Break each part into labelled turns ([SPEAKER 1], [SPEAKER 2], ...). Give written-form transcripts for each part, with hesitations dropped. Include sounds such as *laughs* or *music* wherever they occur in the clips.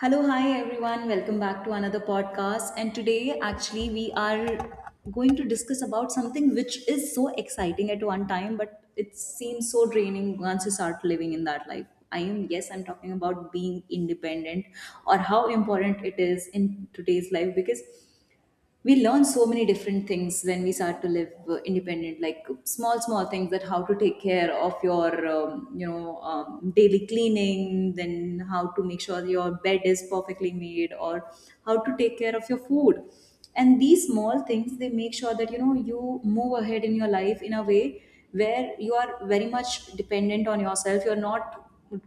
[SPEAKER 1] Hello, hi everyone. Welcome back to another podcast. And today, actually, we are going to discuss about something which is so exciting at one time, but it seems so draining once you start living in that life. I am, yes, I'm talking about being independent, or how important it is in today's life, because we learn so many different things when we start to live independent, like small small things, that how to take care of your daily cleaning, then how to make sure your bed is perfectly made, or how to take care of your food. And these small things, they make sure that you know you move ahead in your life in a way where you are very much dependent on yourself, you're not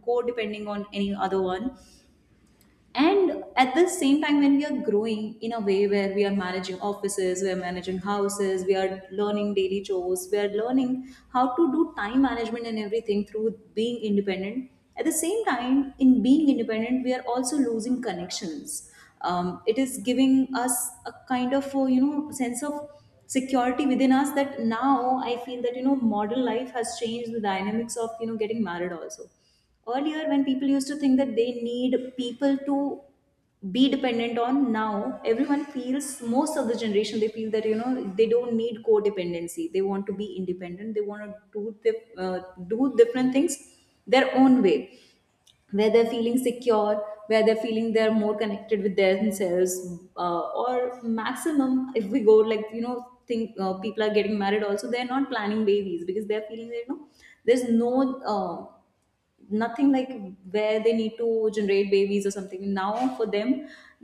[SPEAKER 1] co-depending on any other one. And at the same time, when we are growing in a way where we are managing offices, we are managing houses, we are learning daily chores, we are learning how to do time management and everything through being independent. At the same time, in being independent, we are also losing connections. It is giving us a kind of you know, sense of security within us. That now I feel that you know modern life has changed the dynamics of you know getting married also. Earlier, when people used to think that they need people to be dependent on, now everyone feels, most of the generation, they feel that you know they don't need codependency, they want to be independent, they want to do uh, do different things their own way, where they're feeling secure, where they're feeling they're more connected with themselves. Or maximum, if we go like you know, think, people are getting married also, they're not planning babies because they're feeling that you know there's nothing like where they need to generate babies or something. Now for them,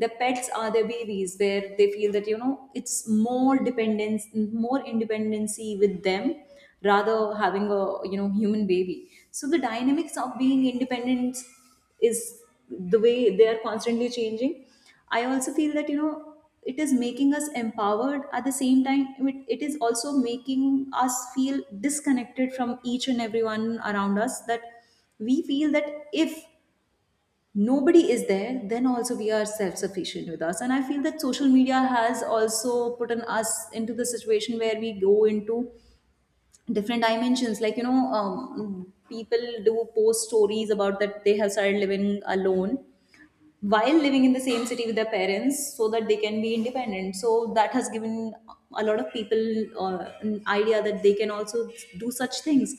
[SPEAKER 1] their pets are their babies, where they feel that you know it's more dependence, more independency with them, rather having a you know human baby. So the dynamics of being independent is, the way they are constantly changing. I also feel that you know it is making us empowered, at the same time it is also making us feel disconnected from each and everyone around us. That we feel that if nobody is there, then also we are self sufficient with us. And I feel that social media has also put an us into the situation where we go into different dimensions, like you know, people do post stories about that they have started living alone while living in the same city with their parents, so that they can be independent. So that has given a lot of people an idea that they can also do such things.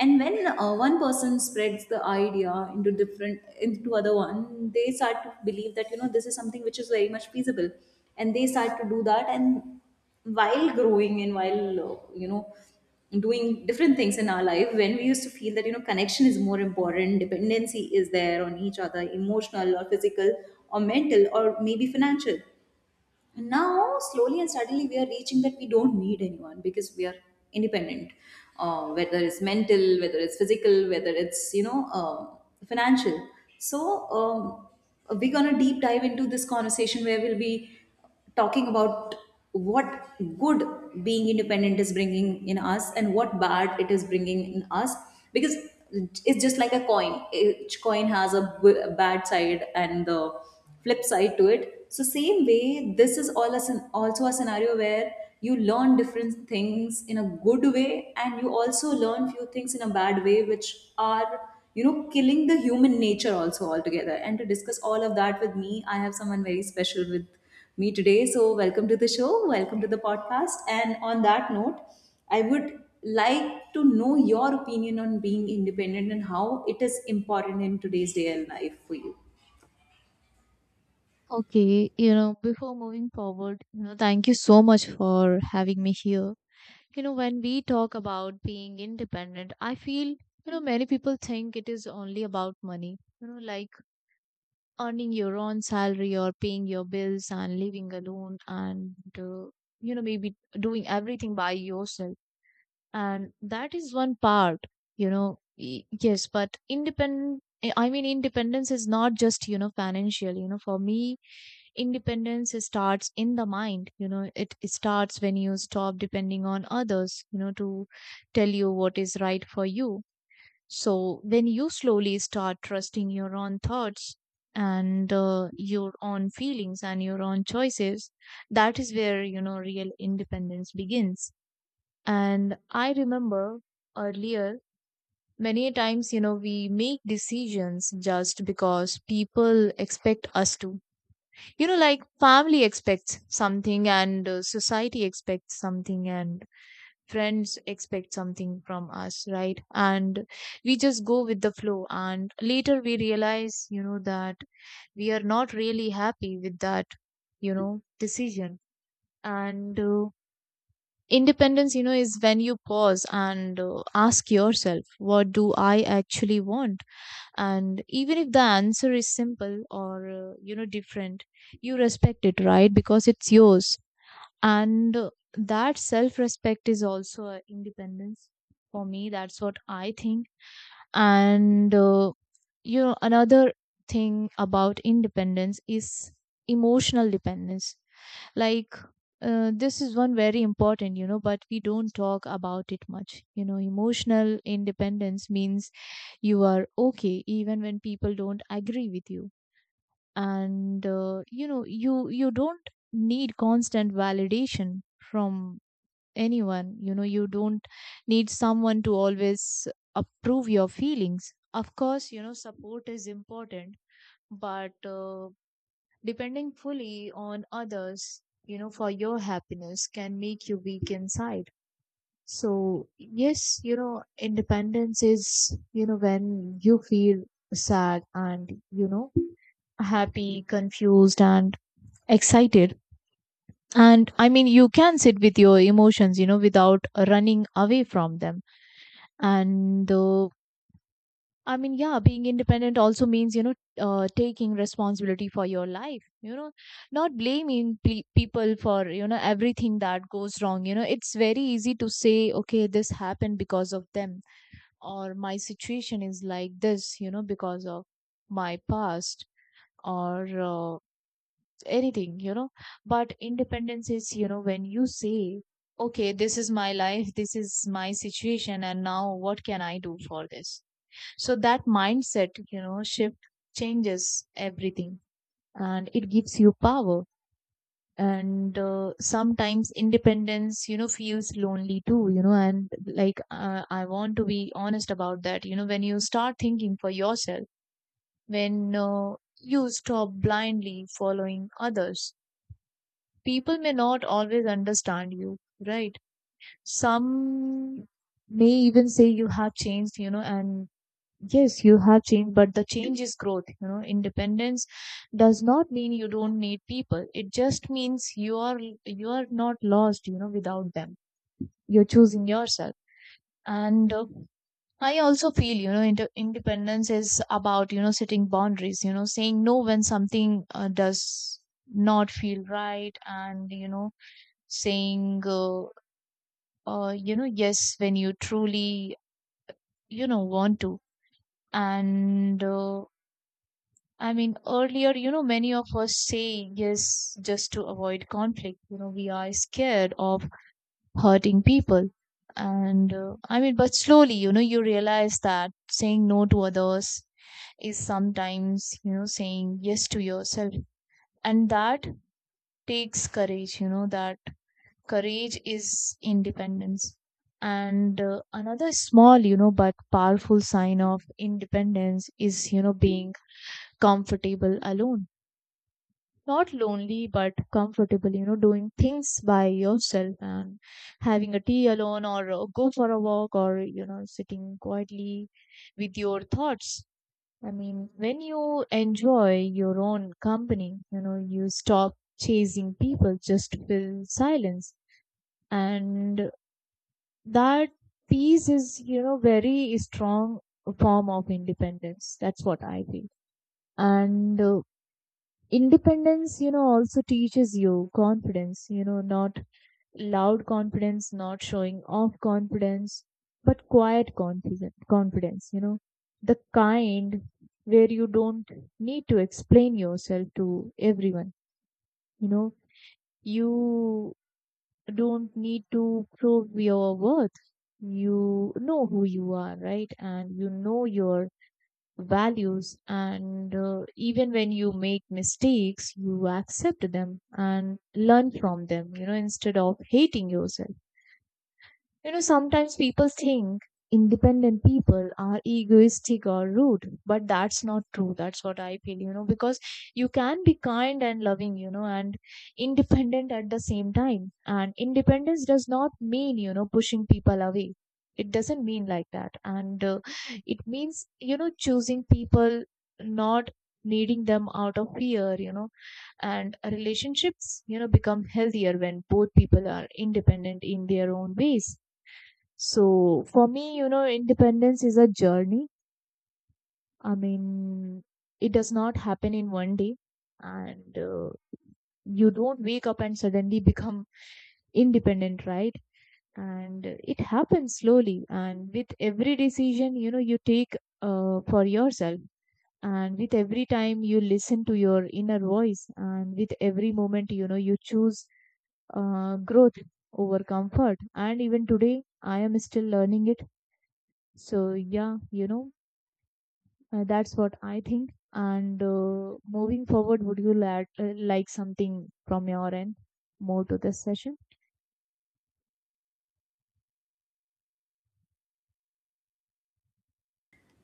[SPEAKER 1] And when one person spreads the idea into different, into other one, they start to believe that you know this is something which is very much feasible, and they start to do that. And while growing, and while doing different things in our life, when we used to feel that you know connection is more important, dependency is there on each other, emotional or physical or mental or maybe financial. And now, slowly and suddenly, we are reaching that we don't need anyone, because we are independent, whether it's mental, whether it's physical, whether it's, you know, financial. So, um, we're going to deep dive into this conversation, where we'll be talking about what good being independent is bringing in us and what bad it is bringing in us. Because it's just like a coin, each coin has a bad side and the flip side to it. So same way, this is all a also a scenario where you learn different things in a good way, and you also learn few things in a bad way, which are you know killing the human nature also altogether. And to discuss all of that with me, I have someone very special with me today. So welcome to the show, welcome to the podcast. And on that note, I would like to know your opinion on being independent, and how it is important in today's day and life for you.
[SPEAKER 2] Okay, before moving forward, thank you so much for having me here. When we talk about being independent, I feel, many people think it is only about money, like earning your own salary or paying your bills and living alone and maybe doing everything by yourself. And that is one part, yes, but independence is not just, financial. For me, independence starts in the mind. It starts when you stop depending on others, to tell you what is right for you. So when you slowly start trusting your own thoughts and your own feelings and your own choices, that is where real independence begins. And I remember earlier, many a times, we make decisions just because people expect us to. Like family expects something and society expects something and friends expect something from us, right? And we just go with the flow, and later we realize that we are not really happy with that, decision. And Independence is when you pause and ask yourself, what do I actually want? And even if the answer is simple or different, you respect it, right? Because it's yours. And That self respect is also a independence, for me. That's what I think. And you know Another thing about independence is emotional dependence. like this is one very important, but we don't talk about it much. Emotional independence means you are okay even when people don't agree with you. And you know You don't need constant validation from anyone. You don't need someone to always approve your feelings. Of course, support is important, but depending fully on others, for your happiness, can make you weak inside. So yes, independence is, when you feel sad and, happy, confused, and excited. You can sit with your emotions, without running away from them. And uh, yeah, being independent also means, taking responsibility for your life, not blaming people for, everything that goes wrong. You know it's very easy to say, okay, this happened because of them, or my situation is like this, because of my past, or anything. But independence is when you say, okay, this is my life, *laughs* this is my situation, and now what can I do for this? So that mindset, shift, changes everything, and it gives you power. And Sometimes independence feels lonely too. You know and like I want to be honest about that. When you start thinking for yourself, when you stop blindly following others, people may not always understand you, right? Some may even say you have changed, and yes, you have changed, but the change is growth. Independence does not mean you don't need people. It just means you are not lost, without them. You're choosing yourself. And I also feel, independence is about, setting boundaries. Saying no when something does not feel right, and saying yes when you truly want to. and uh, Earlier, many of us say yes just to avoid conflict. You know we are scared of hurting people. But slowly, you realize that saying no to others is sometimes, saying yes to yourself. And that takes courage. That courage is independence. And another small, but powerful sign of independence is, being comfortable alone, not lonely but comfortable. Doing things by yourself, and having a tea alone, or go for a walk, or sitting quietly with your thoughts. When you enjoy your own company, you stop chasing people just to fill silence. And that peace is very strong form of independence. That's what I feel. And Independence, also teaches you confidence. Not loud confidence, not showing off confidence, but quiet confidence. The kind where you don't need to explain yourself to everyone. you know, you don't need to prove your worth. You know who you are, right? And you know your values. And Even when you make mistakes, you accept them and learn from them, instead of hating yourself. Sometimes people think independent people are egoistic or rude, but that's not true. That's what I feel. Because you can be kind and loving, and independent at the same time. And independence does not mean, pushing people away. It doesn't mean like that. And It means, choosing people, not needing them out of fear. And relationships, become healthier when both people are independent in their own ways. So for me, independence is a journey. I mean, it does not happen in one day, and you don't wake up and suddenly become independent, right? And it happens slowly, and with every decision, you take, for yourself, and with every time you listen to your inner voice, and with every moment, you choose, growth over comfort. And even today, I am still learning it. So yeah, that's what I think. And moving forward, would you like something from your end more to this session?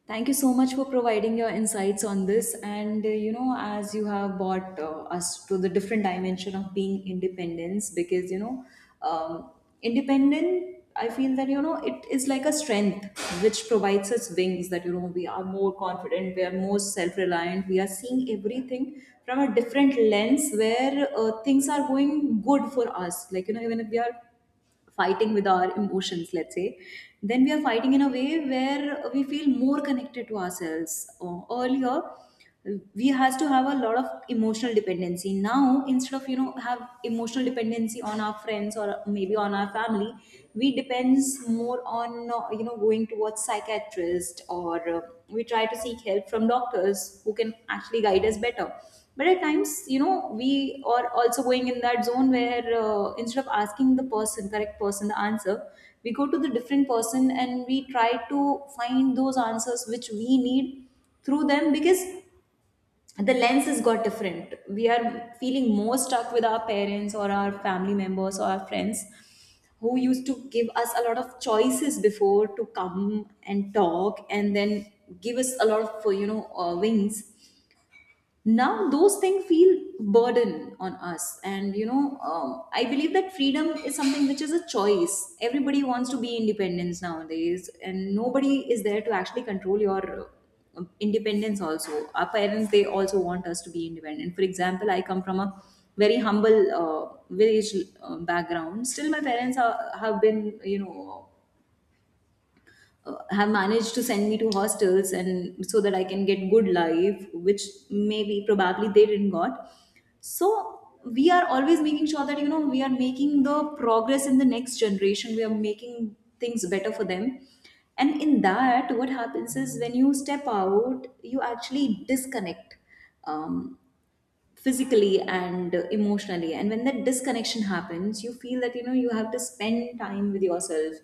[SPEAKER 1] Thank you so much for providing your insights on this. And you know, as you have brought us to the different dimension of being independence, because you know, um, independent, I feel that you know it is like a strength which provides us wings, that you know we are more confident, we are more self-reliant, we are seeing everything from a different lens where things are going good for us. Like you know, even if we are fighting with our emotions, let's say, then we are fighting in a way where we feel more connected to ourselves. Earlier, we has to have a lot of emotional dependency. Now, instead of you know have emotional dependency on our friends or maybe on our family, we depends more on you know going towards psychiatrist, or we try to seek help from doctors who can actually guide us better. But at times you know we are also going in that zone where, instead of asking the person, correct person, the answer, we go to the different person and we try to find those answers which we need through them, because the lens has got different. We are feeling more stuck with our parents or our family members or our friends who used to give us a lot of choices before to come and talk, and then give us a lot of wings. Now those things feel burden on us. And you know, I believe that freedom is something which is a choice. Everybody wants to be independence nowadays, and nobody is there to actually control your independence also. Our parents, they also want us to be independent. For example, I come from a very humble village background. Still my parents have been you know have managed to send me to hostels and, so that I can get good life, which maybe probably they didn't got. So we are always making sure that you know we are making the progress in the next generation. We are making things better for them. And in that, what happens is when you step out, you actually disconnect. Um, Physically and emotionally. And when that disconnection happens, you feel that you know you have to spend time with yourself.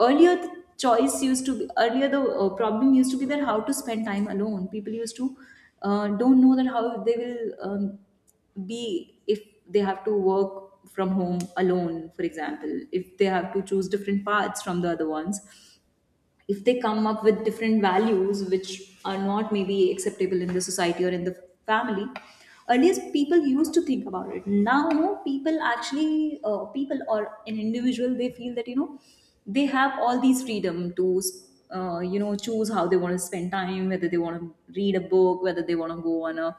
[SPEAKER 1] Earlier the problem used to be that how to spend time alone. People used to don't know that how they will be, if they have to work from home alone, for example, if they have to choose different paths from the other ones, if they come up with different values which are not maybe acceptable in the society or in the family. Earlier people used to think about it. Now no, people actually, people or an individual, they feel that you know they have all these freedom to you know choose how they want to spend time, whether they want to read a book, whether they want to go on a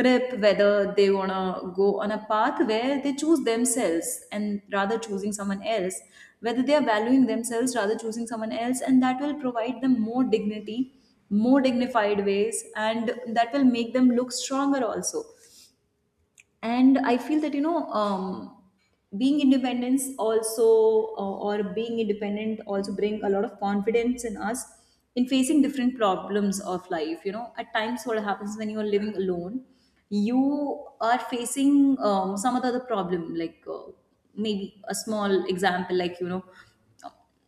[SPEAKER 1] trip, whether they want to go on a path where they choose themselves, and rather choosing someone else, whether they are valuing themselves rather choosing someone else. And that will provide them more dignity, more dignified ways, and that will make them look stronger also. And I feel that you know, being independence also or being independent also bring a lot of confidence in us in facing different problems of life. You know, at times what happens, when you are living alone, you are facing some other problem, like maybe a small example, like you know,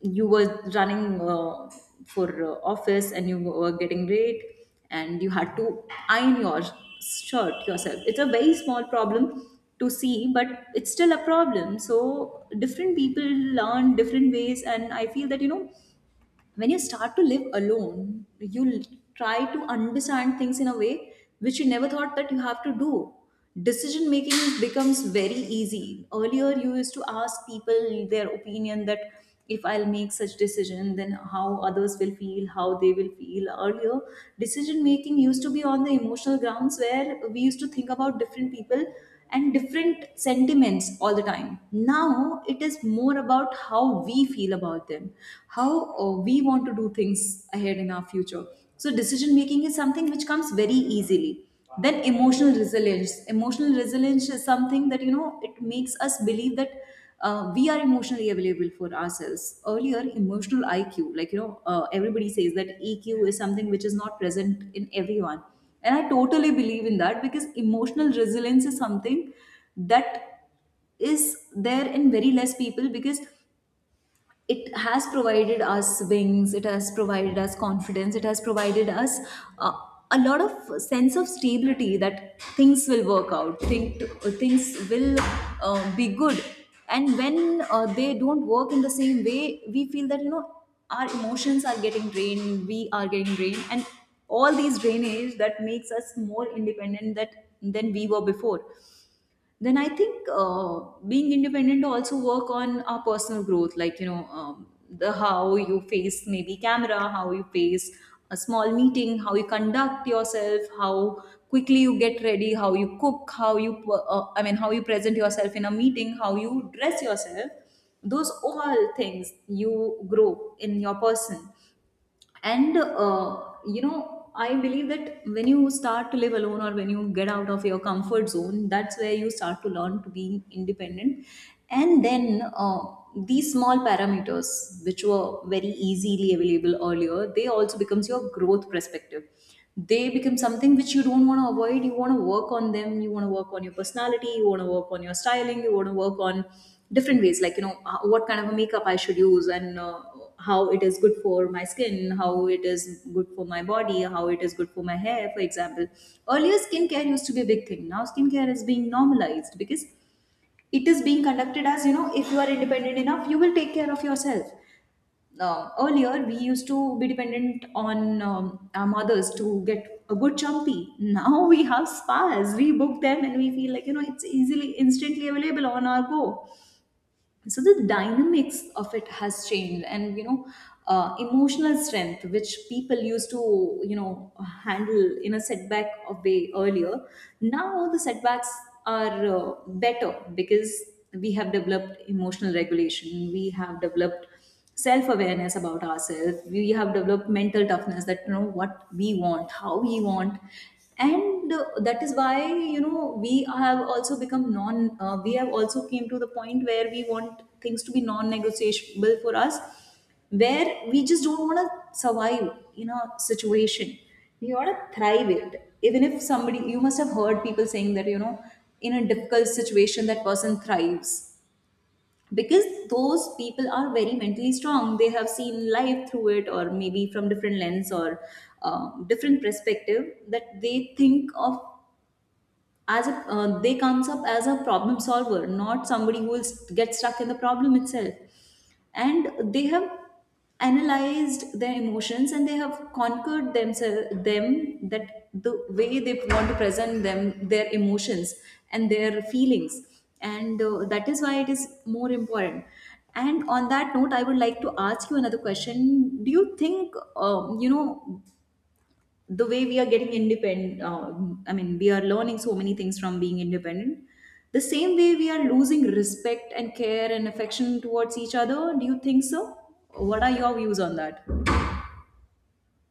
[SPEAKER 1] you were running for office and you were getting late, and you had to iron your shirt yourself. It's a very small problem to see, but it's still a problem. So different people learn different ways. And I feel that you know when you start to live alone, you try to understand things in a way which you never thought that you have to do. Decision making becomes very easy. Earlier you used to ask people their opinion, that if I'll make such decision, then how others will feel, how they will feel. Earlier decision making used to be on the emotional grounds, where we used to think about different people and different sentiments all the time. Now it is more about how we feel about them, how we want to do things ahead in our future. So decision making is something which comes very easily. Then emotional resilience. Emotional resilience is something that, you know, it makes us believe that we are emotionally available for ourselves. Earlier, emotional IQ, like, you know, everybody says that EQ is something which is not present in everyone, and I totally believe in that because emotional resilience is something that is there in very less people because it has provided us wings, it has provided us confidence, it has provided us uh, a lot of sense of stability that things will work out, think, things will be good. And when they don't work in the same way, we feel that, you know, our emotions are getting drained, we are getting drained, and all these drainage that makes us more independent that than we were before. Then I think, being independent also work on our personal growth, like, you know, the how you face maybe camera, how you face a small meeting, how you conduct yourself, how quickly you get ready, how you cook, how you I mean, how you present yourself in a meeting, how you dress yourself, those all things you grow in your person. And you know, I believe that when you start to live alone or when you get out of your comfort zone, that's where you start to learn to be independent. And then these small parameters which were very easily available earlier, they also becomes your growth perspective. They become something which you don't want to avoid, you want to work on them, you want to work on your personality, you want to work on your styling, you want to work on different ways, like, you know, what kind of a makeup I should use, and how it is good for my skin, how it is good for my body, how it is good for my hair, for example. Earlier, skincare used to be a big thing, now skincare is being normalized because it is being conducted as, you know, if you are independent enough, you will take care of yourself. Earlier, we used to be dependent on our mothers to get a good chumpy. Now *laughs* we have spas. We book them and we feel like, you know, it's easily, instantly available on our go. So the dynamics of it has changed. And, you know, emotional strength, which people used to, you know, handle in a setback of way earlier, now the setbacks are better because we have developed emotional regulation. We have developed self-awareness about ourselves, we have developed mental toughness, that, you know, what we want, how we want. And that is why, you know, we have also become non we have also came to the point where we want things to be non-negotiable for us, where we just don't want to survive in a situation, we want to thrive it. Even if somebody, you must have heard people saying that, you know, in a difficult situation that person thrives because those people are very mentally strong, they have seen life through it, or maybe from different lens or different perspective that they think of as a, they comes up as a problem solver, not somebody who will get stuck in the problem itself. And they have analyzed their emotions and they have conquered themselves them, that the way they want to present them their emotions and their feelings. And that is why it is more important. And on that note, I would like to ask you another question. Do you think, you know, the way we are getting independent, I mean, we are learning so many things from being independent, the same way we are losing respect and care and affection towards each other? Do you think so? What are your views on that?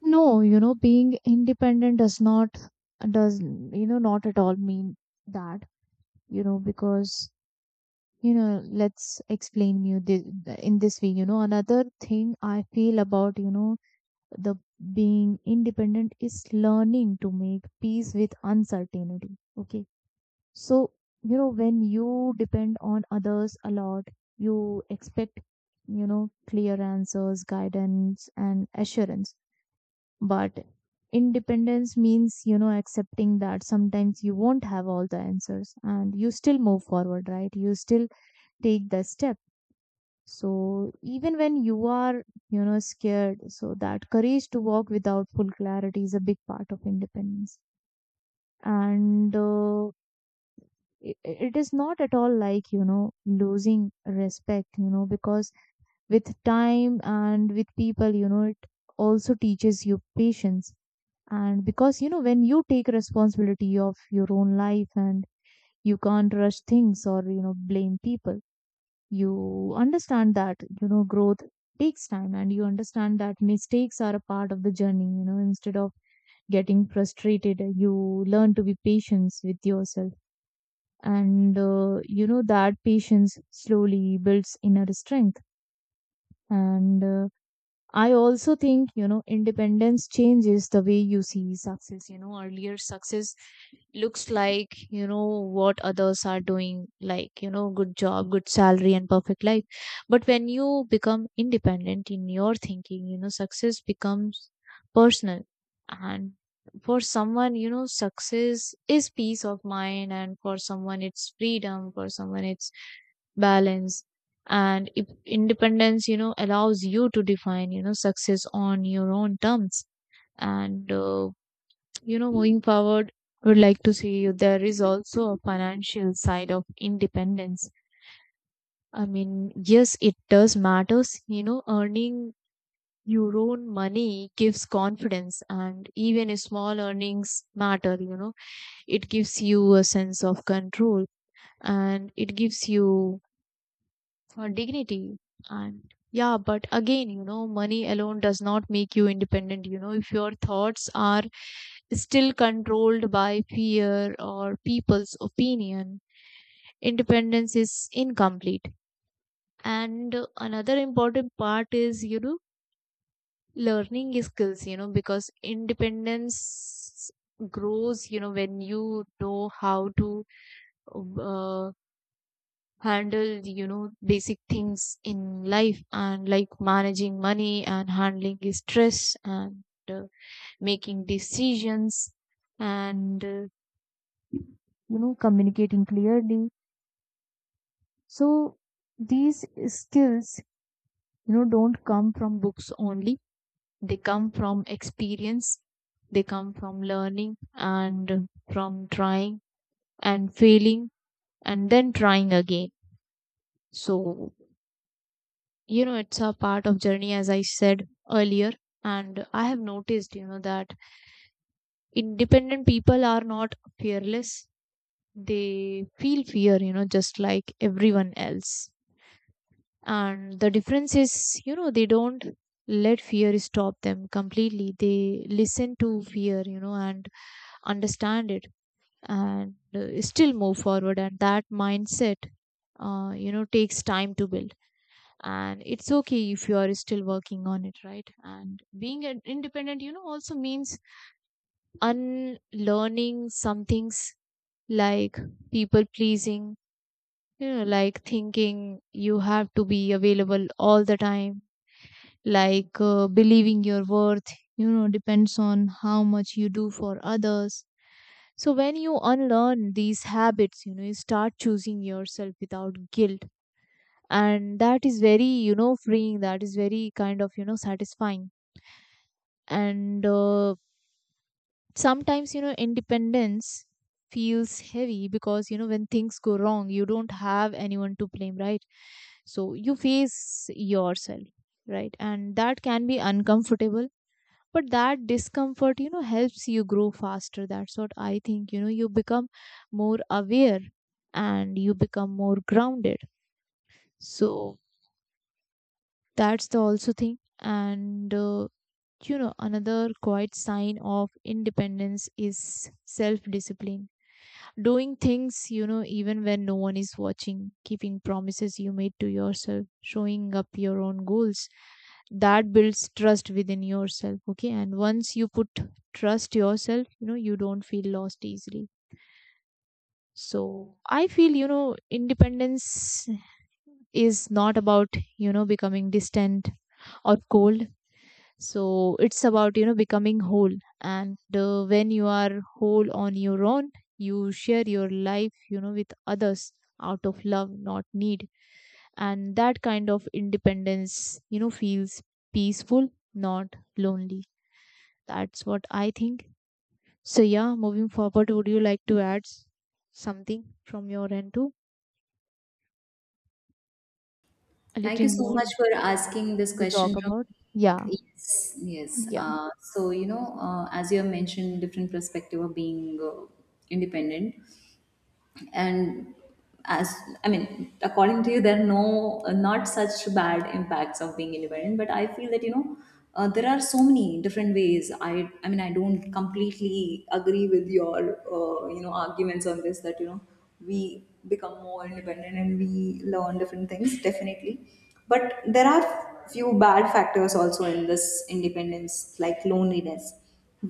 [SPEAKER 2] No, being independent does not, does, not at all mean that. you know, because, let's explain you this in this way. Another thing I feel about, you know, the being independent is learning to make peace with uncertainty. Okay. So, when you depend on others a lot, you expect, clear answers, guidance, and assurance. But independence means, accepting that sometimes you won't have all the answers, and you still move forward, right? You still take the step. So, even when you are, scared, so that courage to walk without full clarity is a big part of independence. And, i- it is not at all like losing respect. Because with time and with people, it also teaches you patience. And because when you take responsibility of your own life, and you can't rush things or blame people, you understand that growth takes time, and you understand that mistakes are a part of the journey. Instead of getting frustrated, you learn to be patient with yourself. And you know That patience slowly builds inner strength. And I also think, independence changes the way you see success. You know, earlier, success looks like, what others are doing, like, good job, good salary, and perfect life. But when you become independent in your thinking, success becomes personal. And for someone, success is peace of mind, and for someone, it's freedom, for someone, it's balance. And if independence allows you to define success on your own terms. And you know Moving forward, I would like to see you, there is also a financial side of independence. i mean yes, it does matters. Earning your own money gives confidence, and even a small earnings matter. It gives you a sense of control, and it gives you for dignity. And yeah, but again, money alone does not make you independent. If your thoughts are still controlled by fear or people's opinion, independence is incomplete. And another important part is, learning skills. Because independence grows, when you know how to, uh, handle, basic things in life, and like managing money and handling stress, and uh, making decisions, and communicating clearly. So these skills, don't come from books only. They come from experience, they come from learning and from trying and failing and then trying again. So, it's a part of journey, as I said earlier. And I have noticed that independent people are not fearless. They feel fear, just like everyone else. And the difference is, they don't let fear stop them completely. They listen to fear, and understand it, and still move forward. And that mindset, takes time to build, and it's okay if you are still working on it, right? And being an independent, also means unlearning some things, like people pleasing. Like thinking you have to be available all the time, like believing your worth, depends on how much you do for others. So when you unlearn these habits, you start choosing yourself without guilt. And that is very, freeing. That is very kind of, satisfying. And Sometimes, independence feels heavy, because when things go wrong, you don't have anyone to blame, right? So you face yourself, right? And that can be uncomfortable. But that discomfort, helps you grow faster. That's what I think. You become more aware, and you become more grounded. So that's the also thing. And You know, another quiet sign of independence is self discipline. Doing things, even when no one is watching, keeping promises you made to yourself, showing up your own goals. That builds trust within yourself, okay? And once you put trust yourself, you don't feel lost easily. So I feel, independence is not about, becoming distant or cold. So it's about, becoming whole. And When you are whole on your own, you share your life, with others, out of love, not need. And that kind of independence, feels peaceful, not lonely. That's what I think. So yeah, moving forward, would you like to add something from your end too, a
[SPEAKER 1] Thank
[SPEAKER 2] little
[SPEAKER 1] you so much
[SPEAKER 2] more
[SPEAKER 1] for asking this
[SPEAKER 2] to
[SPEAKER 1] question
[SPEAKER 2] talk
[SPEAKER 1] from
[SPEAKER 2] about?
[SPEAKER 1] me.
[SPEAKER 2] Yeah,
[SPEAKER 1] Yes, yes.
[SPEAKER 2] yeah.
[SPEAKER 1] So, you know, as you have mentioned, different perspective of being independent. And, as, I mean, according to you, there are no, not such bad impacts of being independent, but I feel that, you know, there are so many different ways. I mean, I don't completely agree with your you know, arguments on this, that, you know, we become more independent and we learn different things, definitely, but there are few bad factors also in this independence, like loneliness.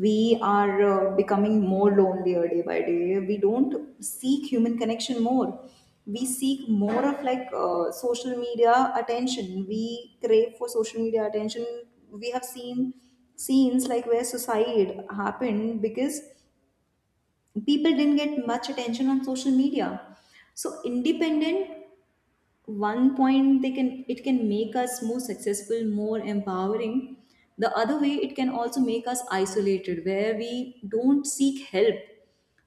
[SPEAKER 1] We are becoming more lonelier day by day. We don't seek human connection more, we seek more of like social media attention, we crave for social media attention. We have seen scenes like where suicide happened because people didn't get much attention on social media. So independent, one point they can, it can make us more successful, more empowering, the other way it can also make us isolated where we don't seek help.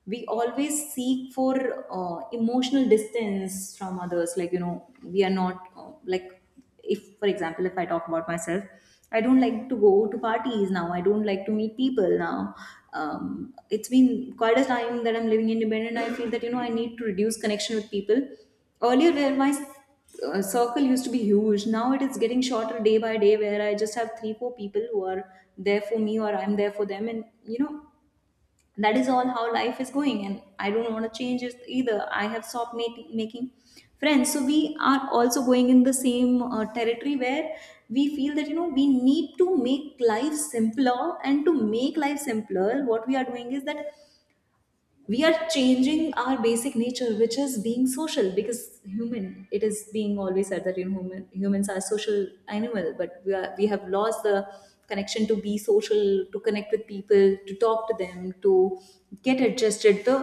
[SPEAKER 1] We always seek for emotional distance from others, like, you know, we are not like, if, for example, if I talk about myself, I don't like to go to parties now, I don't like to meet people now. It's been quite a time that I'm living independent. I feel that, you know, I need to reduce connection with people. Earlier, where my circle used to be huge, now it is getting shorter day by day, where I just have three four people who are there for me, or I'm there for them, and, you know, that is all how life is going, and I don't want to change it either. I have stopped making friends. So we are also going in the same territory where we feel that, you know, we need to make life simpler, and to make life simpler, what we are doing is that we are changing our basic nature, which is being social, because human, it is being always said that, you know, human, humans are social animal, but we have lost the connection to be social, to connect with people, to talk to them, to get adjusted. The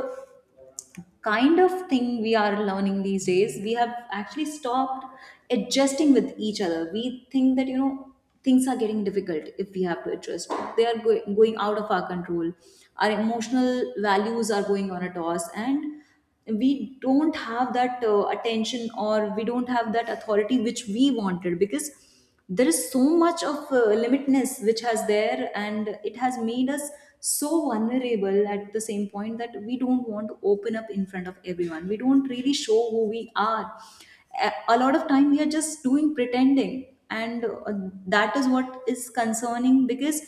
[SPEAKER 1] kind of thing we are learning these days, we have actually stopped adjusting with each other. We think that, you know, things are getting difficult if we have to adjust, they are going out of our control, our emotional values are going on a toss, and we don't have that attention, or we don't have that authority which we wanted, because there is so much of limitness which has there, and it has made us so vulnerable at the same point that we don't want to open up in front of everyone, we don't really show who we are. A lot of time we are just doing pretending. And that is what is concerning, because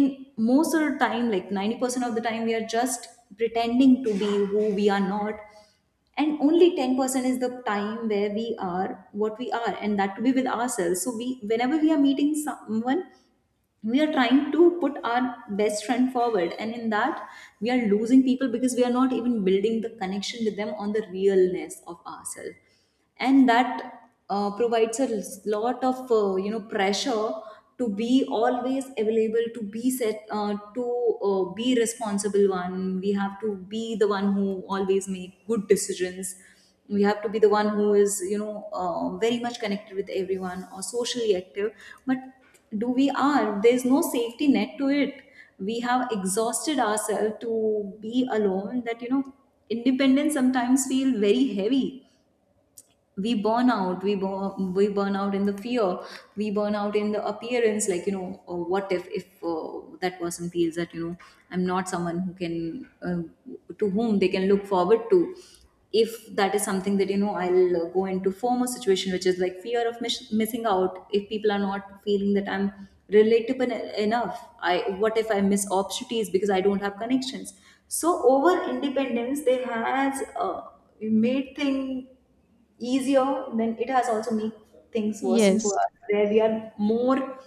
[SPEAKER 1] in most of the time, like 90% of the time, we are just pretending to be who we are not, and only 10% is the time where we are what we are, and that to be with ourselves. So we, whenever we are meeting someone, we are trying to put our best friend forward, and in that we are losing people, because we are not even building the connection with them on the realness of ourselves. And that provides a lot of, you know, pressure to be always available, to be set, to be responsible one, we have to be the one who always make good decisions, we have to be the one who is, you know, very much connected with everyone, or socially active. But do we are, there's no safety net to it. We have exhausted ourselves to be alone, that, you know, independence sometimes feel very heavy. We burn out, we burn out in the fear, we burn out in the appearance, like, you know, what if, that person feels that, you know, I'm not someone who can, to whom they can look forward to. If that is something that, you know, I'll go into former situation, which is like fear of missing out, if people are not feeling that I'm relatable enough, I, what if I miss opportunities because I don't have connections? So over independence, they has made thing easier, then it has also made things worsen for
[SPEAKER 2] Yes,
[SPEAKER 1] us, where we are more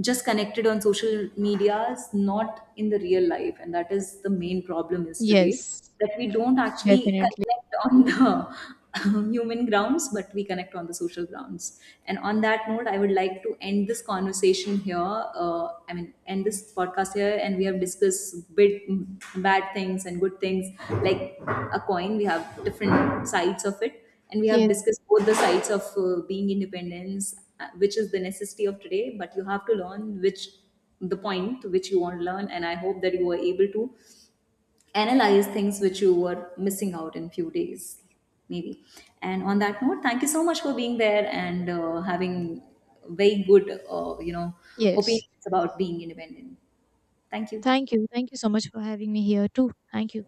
[SPEAKER 1] just connected on social medias, not in the real life. And that is the main problem is today,
[SPEAKER 2] yes,
[SPEAKER 1] that we don't actually
[SPEAKER 2] definitely.
[SPEAKER 1] connect on the *laughs* human grounds, but we connect on the social grounds. And on that note, I would like to end this conversation here. I mean, end this podcast here, and we have discussed bit bad things and good things, like a coin. We have different sides of it, and we have
[SPEAKER 2] Yes,
[SPEAKER 1] discussed both the sides of being independence, which is the necessity of today, but you have to learn which, the point which you want to learn, and I hope that you were able to analyze things which you were missing out in few days, maybe. And on that note, thank you so much for being there, and having very good, you know,
[SPEAKER 2] yes.
[SPEAKER 1] opinions about being independent. Thank you.
[SPEAKER 2] Thank you. Thank you so much for having me here too. Thank you.